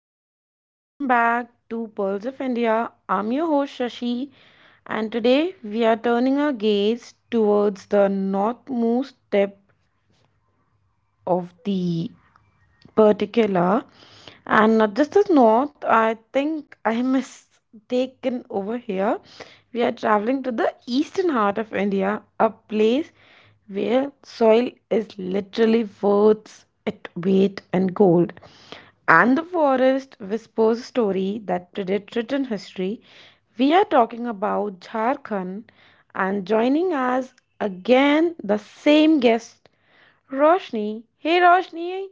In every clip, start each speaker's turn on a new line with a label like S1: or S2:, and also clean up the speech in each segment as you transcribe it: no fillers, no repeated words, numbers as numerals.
S1: Hey guys, welcome back to Pearls of India. I'm your host Shashi, and today we are turning our gaze towards the northmost tip of the particular, and not just as north, I think I am mistaken over here. We are traveling to the eastern heart of India, a place where soil is literally worth its weight in gold, and the forest whispers a story that predates written history. We are talking about Jharkhand, and joining us again the same guest. Roshni, hey Roshni,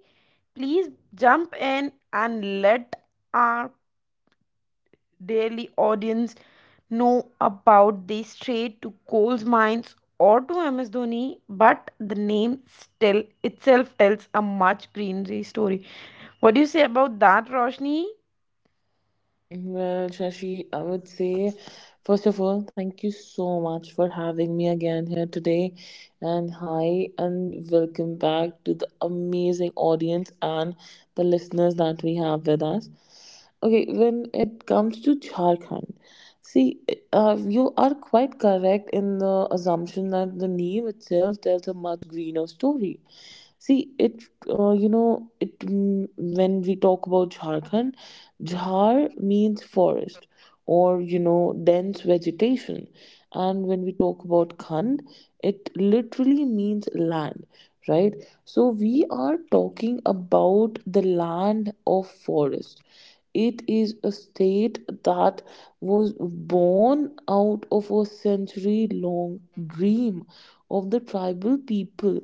S1: please jump in and let our daily audience know about the straight to coals mines or to MS Dhoni, but the name still itself tells a much greenery story. What do you say about that, Roshni?
S2: Well, Shashi, I would say, first of all, thank you so much for having me again here today. And hi, and welcome back to the amazing audience and the listeners that we have with us. Okay, when it comes to Jharkhand, see, you are quite correct in the assumption that the name itself tells a much greener story. See, it, you know, it mm, when we talk about Jharkhand, Jhar means forest or dense vegetation. And when we talk about Khand, it literally means land, right? So we are talking about the land of forest. It is a state that was born out of a century long dream of the tribal people,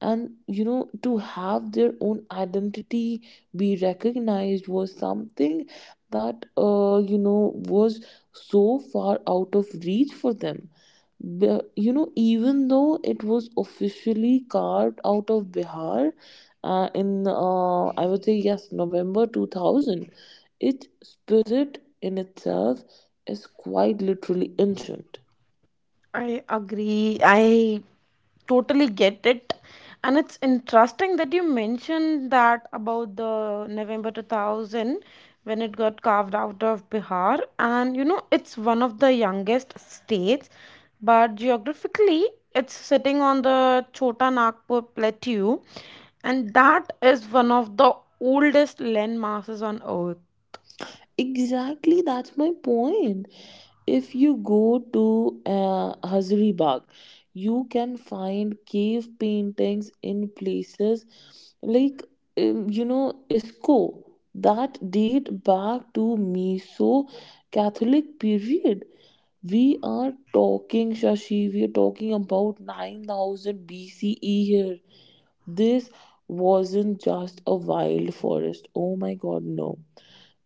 S2: and to have their own identity be recognized was something that was so far out of reach for them. Even though it was officially carved out of Bihar in, I would say, yes, November 2000, its spirit in itself is quite literally ancient.
S1: I agree. I totally get it. And it's interesting that you mentioned that about the November 2000 when it got carved out of Bihar. And you know, it's one of the youngest states, but geographically, it's sitting on the Chota Nagpur Plateau, and that is one of the oldest landmasses on earth.
S2: Exactly, that's my point. If you go to Hazaribagh, you can find cave paintings in places like Isco that date back to Meso Catholic period. We are talking, Shashi, we are talking about 9000 BCE here. This wasn't just a wild forest. Oh my God, no.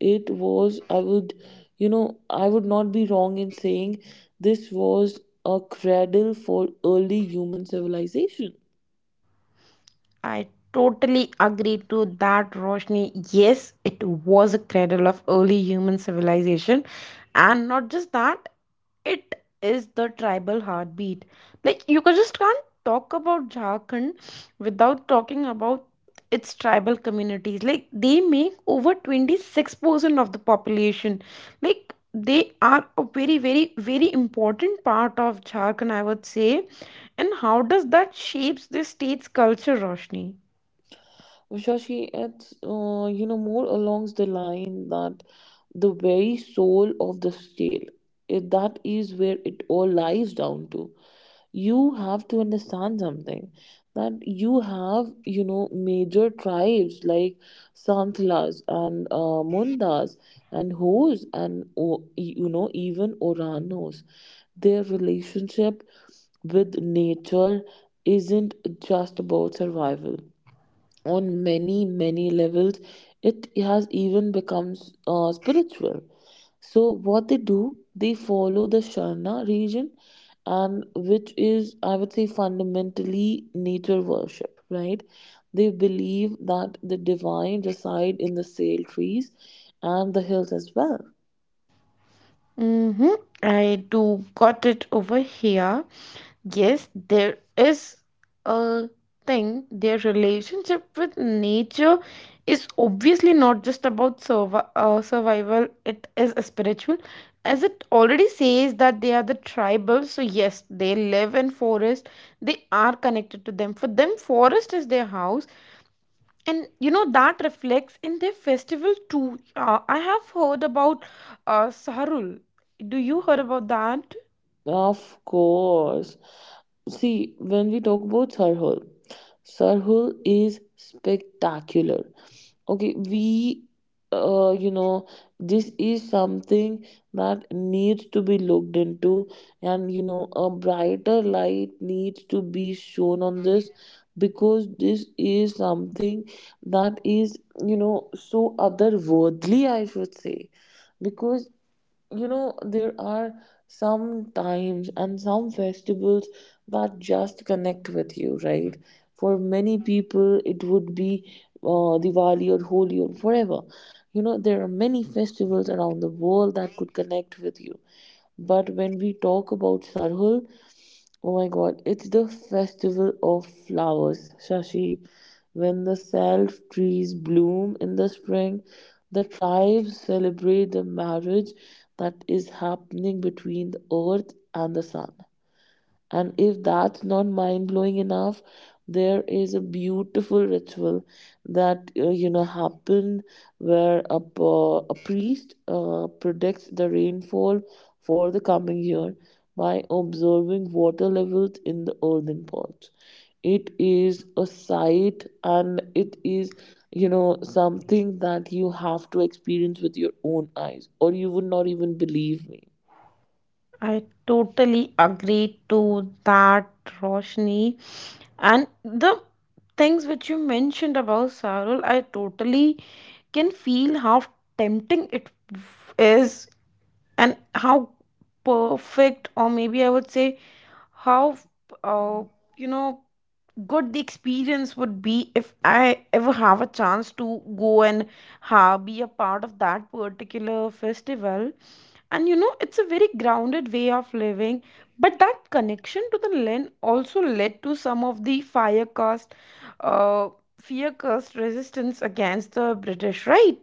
S2: It was, I would not be wrong in saying this was a cradle for early human civilization.
S1: I totally agree to that, Roshni. Yes, it was a cradle of early human civilization. And not just that, it is the tribal heartbeat. Like, you could just can't talk about Jharkhand without talking about its tribal communities. Like, they make over 26% of the population. Like, they are a very, very, very important part of Jharkhand, I would say. And how does that shapes the state's culture, Roshni?
S2: Shashi, it's more alongs the line that the very soul of the tale, that is where it all lies down to. You have to understand something that you have major tribes like Santhlas and Mundas and Hos and even Oranos. Their relationship with nature isn't just about survival on many many levels. It has even becomes spiritual. So what they do, they follow the Sharna region, and which is, I would say, fundamentally nature worship, right? They believe that the divine reside in the Sale trees and the hills as well.
S1: Mm-hmm. I do got it over here. Yes, there is a thing. Their relationship with nature is obviously not just about survival, it is a spiritual. As it already says that they are the tribal, so yes, they live in forest. They are connected to them. For them, forest is their house, and you know that reflects in their festival too. I have heard about Sarul. Do you heard about that?
S2: Of course. See, when we talk about Sarhul, Sarhul is spectacular. Okay, we you know this is something that needs to be looked into, and a brighter light needs to be shown on this, because this is something that is so otherworldly, I should say. Because there are some times and some festivals that just connect with you, right? For many people, it would be Diwali or Holi or whatever. There are many festivals around the world that could connect with you. But when we talk about Sarhul, oh my God, it's the festival of flowers, Shashi. When the self trees bloom in the spring, the tribes celebrate the marriage that is happening between the earth and the sun. And if that's not mind blowing enough, there is a beautiful ritual that happened where a priest predicts the rainfall for the coming year by observing water levels in the earthen pots. It is a sight, and it is something that you have to experience with your own eyes or you would not even believe me.
S1: I totally agree to that, Roshni. And the things which you mentioned about Sarul, I totally can feel how tempting it is, and how perfect, or maybe I would say how, uh, you know good the experience would be if I ever have a chance to go and ha be a part of that particular festival. And you know, it's a very grounded way of living, but that connection to the land also led to some of the fire cast, uh, fear cast resistance against the British, right?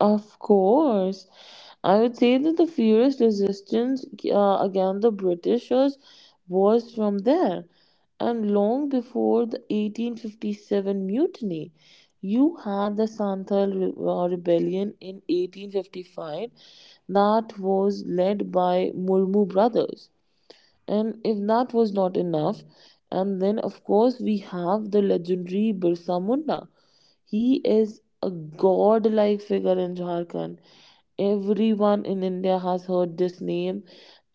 S2: Of course, I would say that the furious resistance against the Britishers was from there, and long before the 1857 mutiny. You had the Santhal rebellion in 1855 that was led by Murmu brothers. And if that was not enough, and then of course we have the legendary Birsa Munda. He is a god like figure in Jharkhand. Everyone in India has heard this name,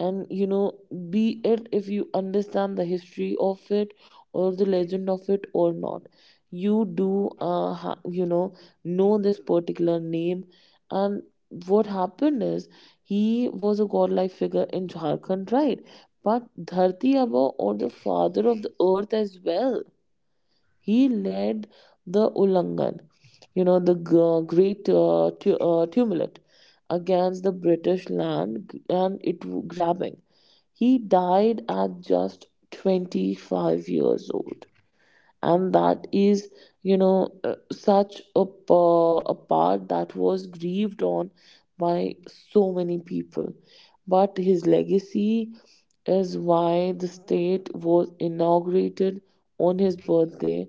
S2: and be it if you understand the history of it or the legend of it or not, you do know this particular name. And what happened is, he was a godlike figure in Jharkhand, right? But Dharti Aba, or the father of the earth as well, he led the Ulangan, the great tumult against the British land and it grabbing. He died at just 25 years old, and that is such a part that was grieved on by so many people. But his legacy is why the state was inaugurated on his birthday,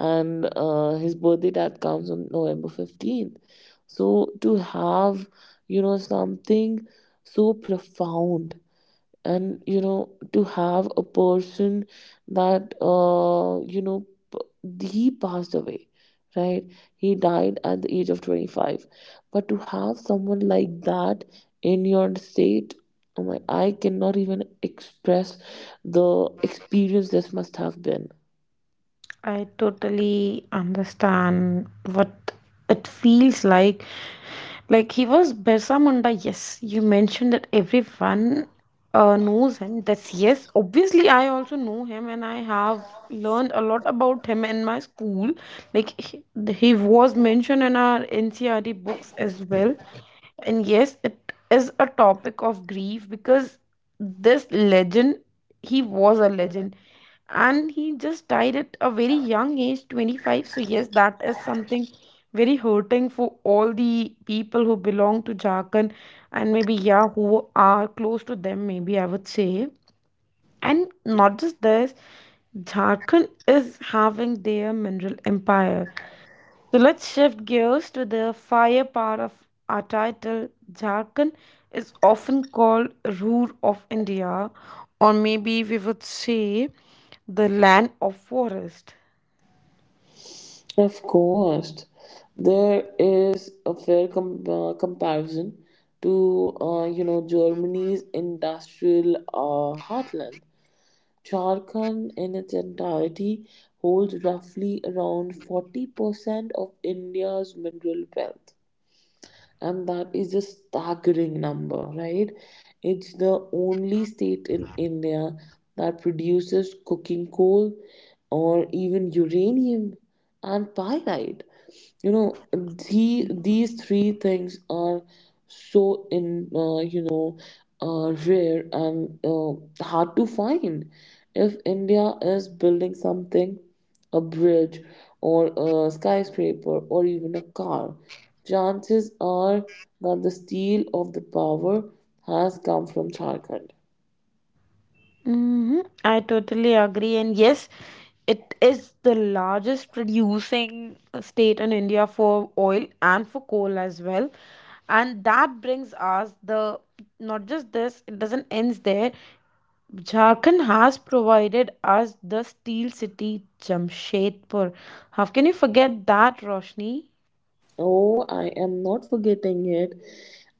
S2: and his birthday that comes on November 15th. So to have something so profound, and to have a person that he passed away. Right, he died at the age of 25. But to have someone like that in your state, oh my, I cannot even express the experience this must have been.
S1: I totally understand what it feels like. Like he was Birsa Munda, yes. You mentioned that everyone knows him. That's yes. Obviously, I also know him, and I have learned a lot about him in my school. Like he, he was mentioned in our NCRT books as well. And yes, it is a topic of grief, because this legend, he was a legend, and he just died at a very young age, 25. So yes, that is something very hurting for all the people who belong to Jharkhand, and maybe yeah, who are close to them, maybe I would say. And not just this, Jharkhand is having their mineral empire. So let's shift gears to the fire part of our title. Jharkhand is often called Ruhr of India, or maybe we would say the land of forest.
S2: Of course, there is a fair comparison to Germany's industrial heartland. Jharkhand in its entirety holds roughly around 40% of India's mineral wealth, and that is a staggering number, right? It's the only state in India that produces cooking coal or even uranium and pyrite. These three things are so in you know rare and hard to find. If India is building something, a bridge or a skyscraper or even a car, chances are that the steel of the power has come from Jharkhand.
S1: Hmm. I totally agree, and yes, it is the largest producing state in India for oil and for coal as well. And that brings us the not just this, it doesn't end there. Jharkhand has provided us the steel city Jamshedpur. How can you forget that, Roshni?
S2: Oh, I am not forgetting it.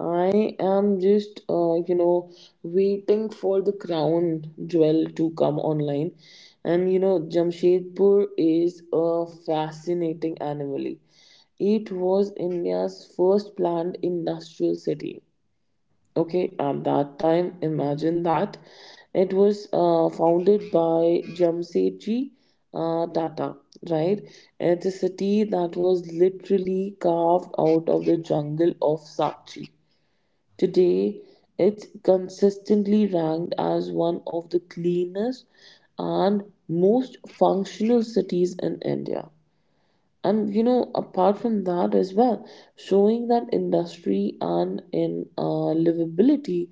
S2: I am just, waiting for the crown jewel to come online. And Jamshedpur is a fascinating anomaly. It was India's first planned industrial city. Okay, at that time, imagine that. It was founded by Jamsetji Tata, right? It's a city that was literally carved out of the jungle of Sakchi. Today it's consistently ranked as one of the cleanest and most functional cities in India. And apart from that as well, showing that industry and in livability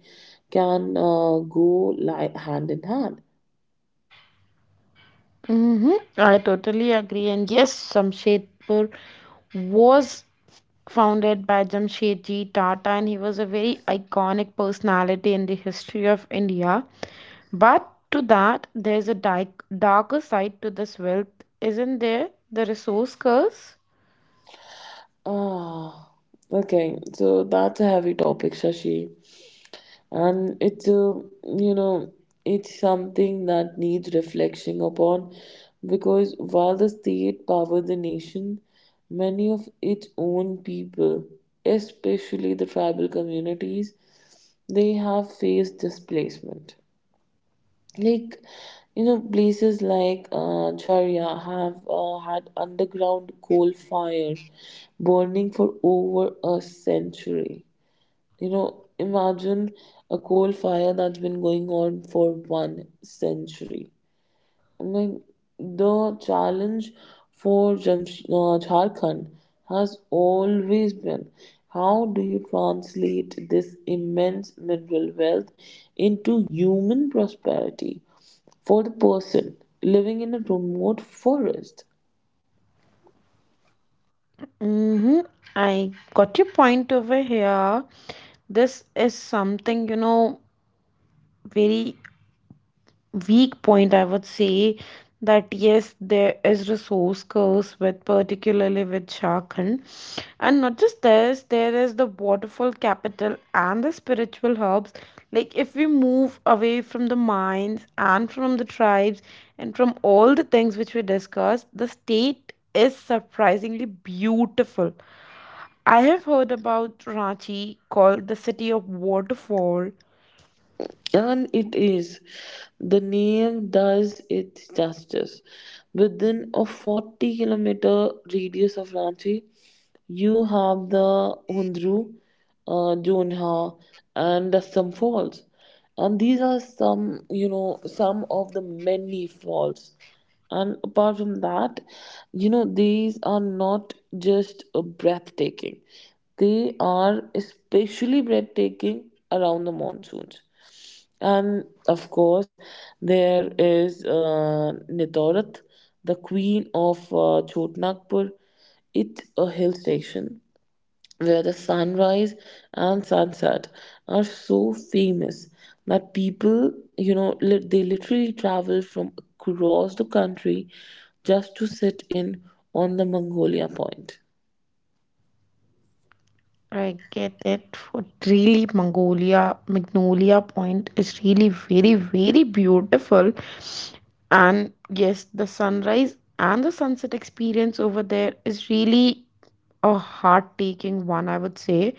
S2: can go hand in hand.
S1: Hmm. I totally agree. And yes, Jamshedpur was founded by Jamshedji Tata, and he was a very iconic personality in the history of India. But to that, there's a darker side to this wealth, isn't there? The resource curse?
S2: Ah, okay, so that's a heavy topic, Shashi. And it's a you know it's something that needs reflecting upon, because while the state powers the nation, many of its own people, especially the tribal communities, they have faced displacement. Like, places like Jharia have had underground coal fires burning for over a century. Imagine a coal fire that's been going on for one century. I mean, the challenge for Jharkhand has always been, how do you translate this immense mineral wealth into human prosperity for the person living in a remote forest?
S1: Mm-hmm. I got your point over here. This is something, you know, very weak point, I would say, that yes, there is resource curse with particularly with Jharkhand. And not just this, there is the waterfall capital and the spiritual hubs. Like if we move away from the mines and from the tribes and from all the things which we discussed, the state is surprisingly beautiful. I have heard about Ranchi, called the city of waterfall.
S2: And it is. The name does its justice. Within a 40-kilometer radius of Ranchi, you have the Hundru, Jonha, and the some falls. And these are some of the many falls. And apart from that, these are not just breathtaking, they are especially breathtaking around the monsoons. And of course, there is Nitorat, the queen of Chotnagpur. It's a hill station where the sunrise and sunset are so famous that people, they literally travel from across the country just to sit in on the Mongolia Point.
S1: I get it. For really, Mongolia, Magnolia Point is really very, very beautiful. And yes, the sunrise and the sunset experience over there is really a heart-taking one, I would say.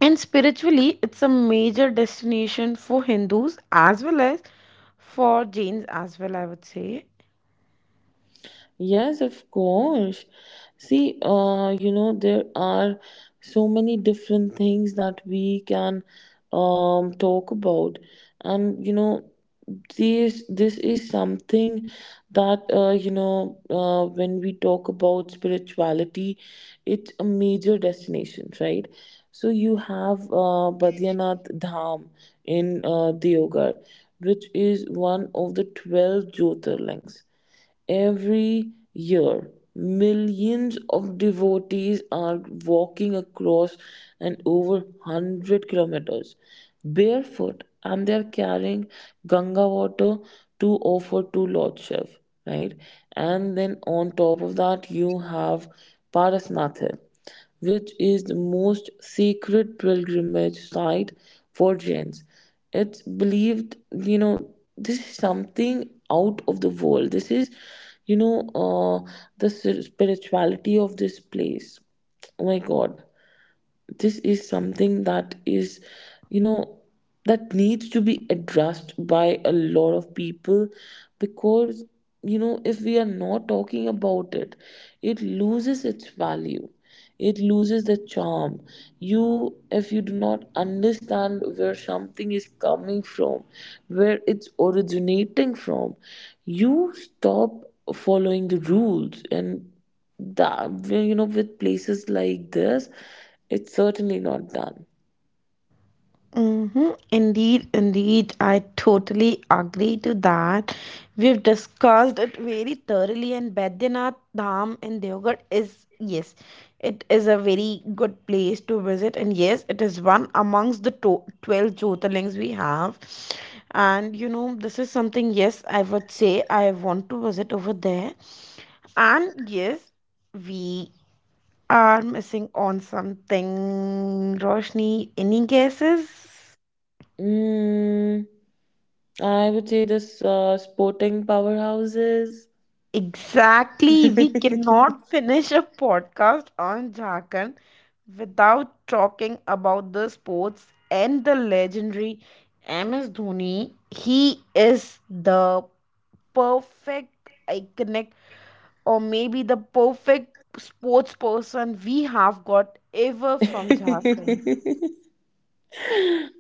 S1: And spiritually, it's a major destination for Hindus as well as for Jains as well, I would say.
S2: Yes, of course. See, there are so many different things that we can talk about. And this is something that when we talk about spirituality, it's a major destination, right? So you have Badrinath Dham in Deogar, which is one of the 12 Jyotirlings. Every year, millions of devotees are walking across and over 100 kilometers barefoot, and they are carrying Ganga water to offer to Lord Shiv, right? And then on top of that, you have Parasnath Hill, which is the most sacred pilgrimage site for Jains. It's believed, this is something out of the world. This is, you know, uh, the spirituality of this place. Oh my God, this is something that is you know that needs to be addressed by a lot of people. Because if we are not talking about it, it loses its value, it loses the charm. You if you do not understand where something is coming from, where it's originating from, you stop following the rules. And that, with places like this, it's certainly not done.
S1: Mm-hmm. Indeed, indeed, I totally agree to that. We've discussed it very thoroughly, and Baidyanath Dham in Deoghar is yes, it is a very good place to visit, and yes, it is one amongst the 12 Jyotirlings we have. And you know, this is something, yes, I would say I want to visit over there, and yes, we are missing on something. Roshni, any guesses?
S2: mm, I would say this, sporting powerhouses.
S1: Exactly. We cannot finish a podcast on Jharkhand without talking about the sports and the legendary MS Dhoni. He is the perfect iconic, or maybe the perfect sports person we have got ever from Jharkhand.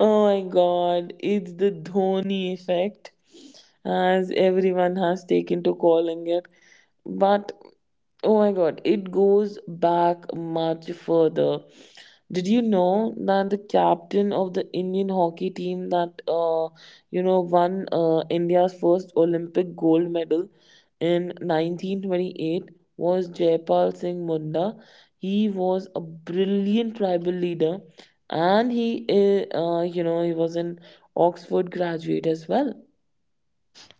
S2: Oh my God, it's the Dhoni effect, as everyone has taken to calling it. But oh my God, it goes back much further. Did you know that the captain of the Indian hockey team that won India's first Olympic gold medal in 1928 was Jaipal Singh Munda. He was a brilliant tribal leader, and he you know he was an Oxford graduate as well.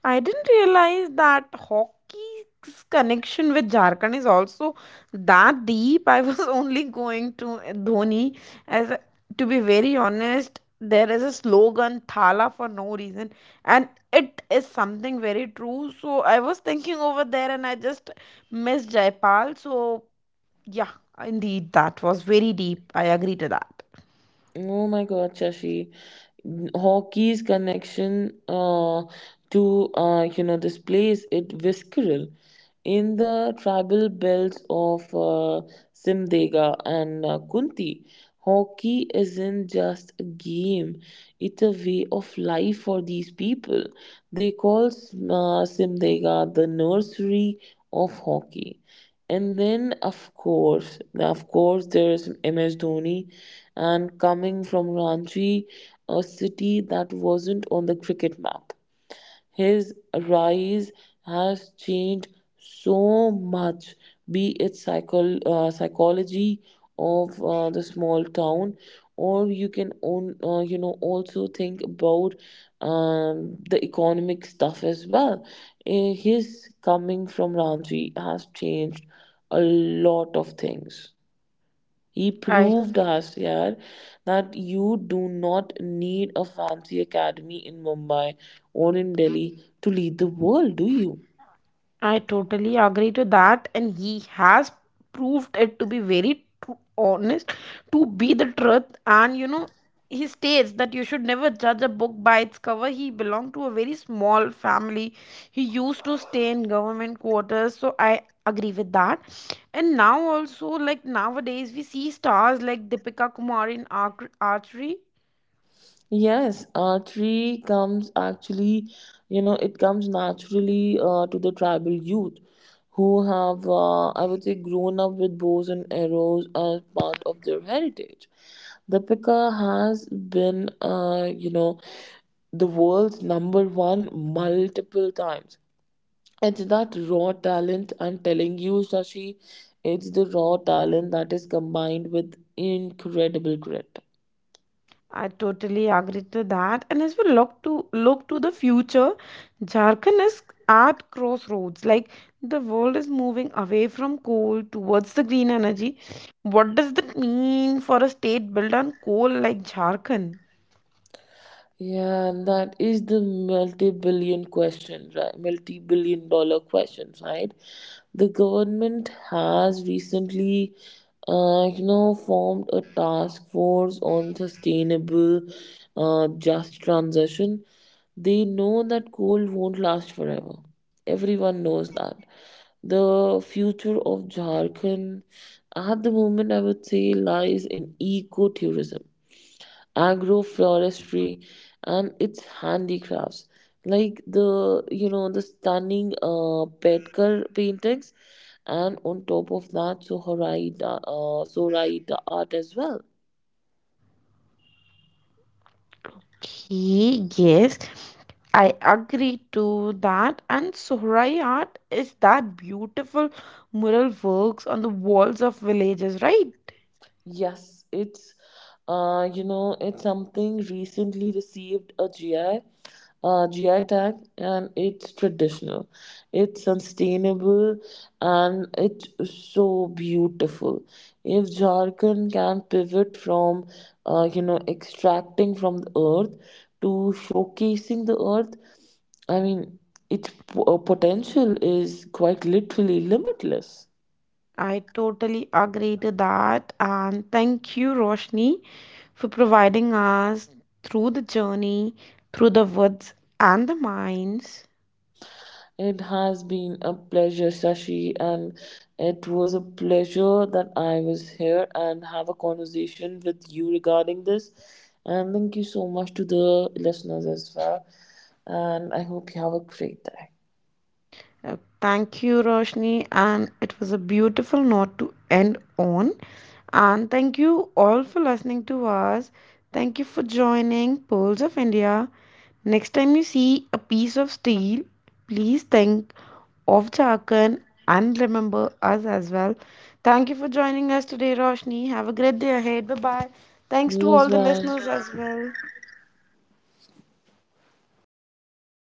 S1: I didn't realize that hockey's connection with Jharkhand is also that deep. I was only going to Dhoni. As to be very honest, there is a slogan "Thala" for no reason, and it is something very true. So I was thinking over there, and I just missed Jaipal. So yeah, indeed, that was very deep. I agree to that.
S2: Oh my God, Shashi. Hockey's connection to this place, it visceral in the tribal belts of Simdega and Kunti. Hockey isn't just a game; it's a way of life for these people. They call Simdega the nursery of hockey. And then, of course, there is MS Dhoni, and coming from Ranchi, a city that wasn't on the cricket map. His rise has changed so much, be it psychology of the small town, or you can own, also think about the economic stuff as well. His coming from Ranji has changed a lot of things. He
S1: I
S2: proved us here that you do not need a fancy academy in Mumbai or in Delhi to lead the world, do you?
S1: I totally agree to that, and he has proved it to be very honest, to be the truth. And you know, he states that you should never judge a book by its cover. He belonged to a very small family. He used to stay in government quarters, so I agree with that. And now also, like nowadays, we see stars like Deepika Kumari in archery.
S2: Yes, archery comes actually, it comes naturally to the tribal youth who have, I would say, grown up with bows and arrows as part of their heritage. The Pika has been the world's number one multiple times. It's that raw talent, I'm telling you, Shashi. It's the raw talent that is combined with incredible grit.
S1: I totally agree to that. And as we look to look to the future, Jharkhand is at crossroads. Like the world is moving away from coal towards the green energy. What does that mean for a state built on coal like Jharkhand?
S2: Yeah, and that is the multi-billion question, right? Multi-billion dollar question, right? The government has recently, formed a task force on sustainable, just transition. They know that coal won't last forever. Everyone knows that. The future of Jharkhand at the moment, I would say, lies in eco-tourism, agroforestry, and its handicrafts like the you know the stunning Betkar paintings, and on top of that, Sohraida art as well.
S1: Okay, yes, I agree to that. And Sohrai art is that beautiful mural works on the walls of villages, right?
S2: Yes, it's something recently received a GI tag, and it's traditional, it's sustainable, and it's so beautiful. If Jharkhand can pivot from, extracting from the earth to showcasing the earth, I mean, its potential is quite literally limitless.
S1: I totally agree to that. And thank you, Roshni, for providing us through the journey, through the woods and the mines.
S2: It has been a pleasure, Sashi, and it was a pleasure that I was here and have a conversation with you regarding this. And thank you so much to the listeners as well. And I hope you have a great day.
S1: Thank you, Roshni, and it was a beautiful note to end on. And thank you all for listening to us. Thank you for joining Pearls of India. Next time you see a piece of steel, please think of Jharkhand and remember us as well. Thank you for joining us today, Roshni. Have a great day ahead. Bye bye. Thanks to
S2: You as
S1: all the
S2: well.
S1: listeners as well.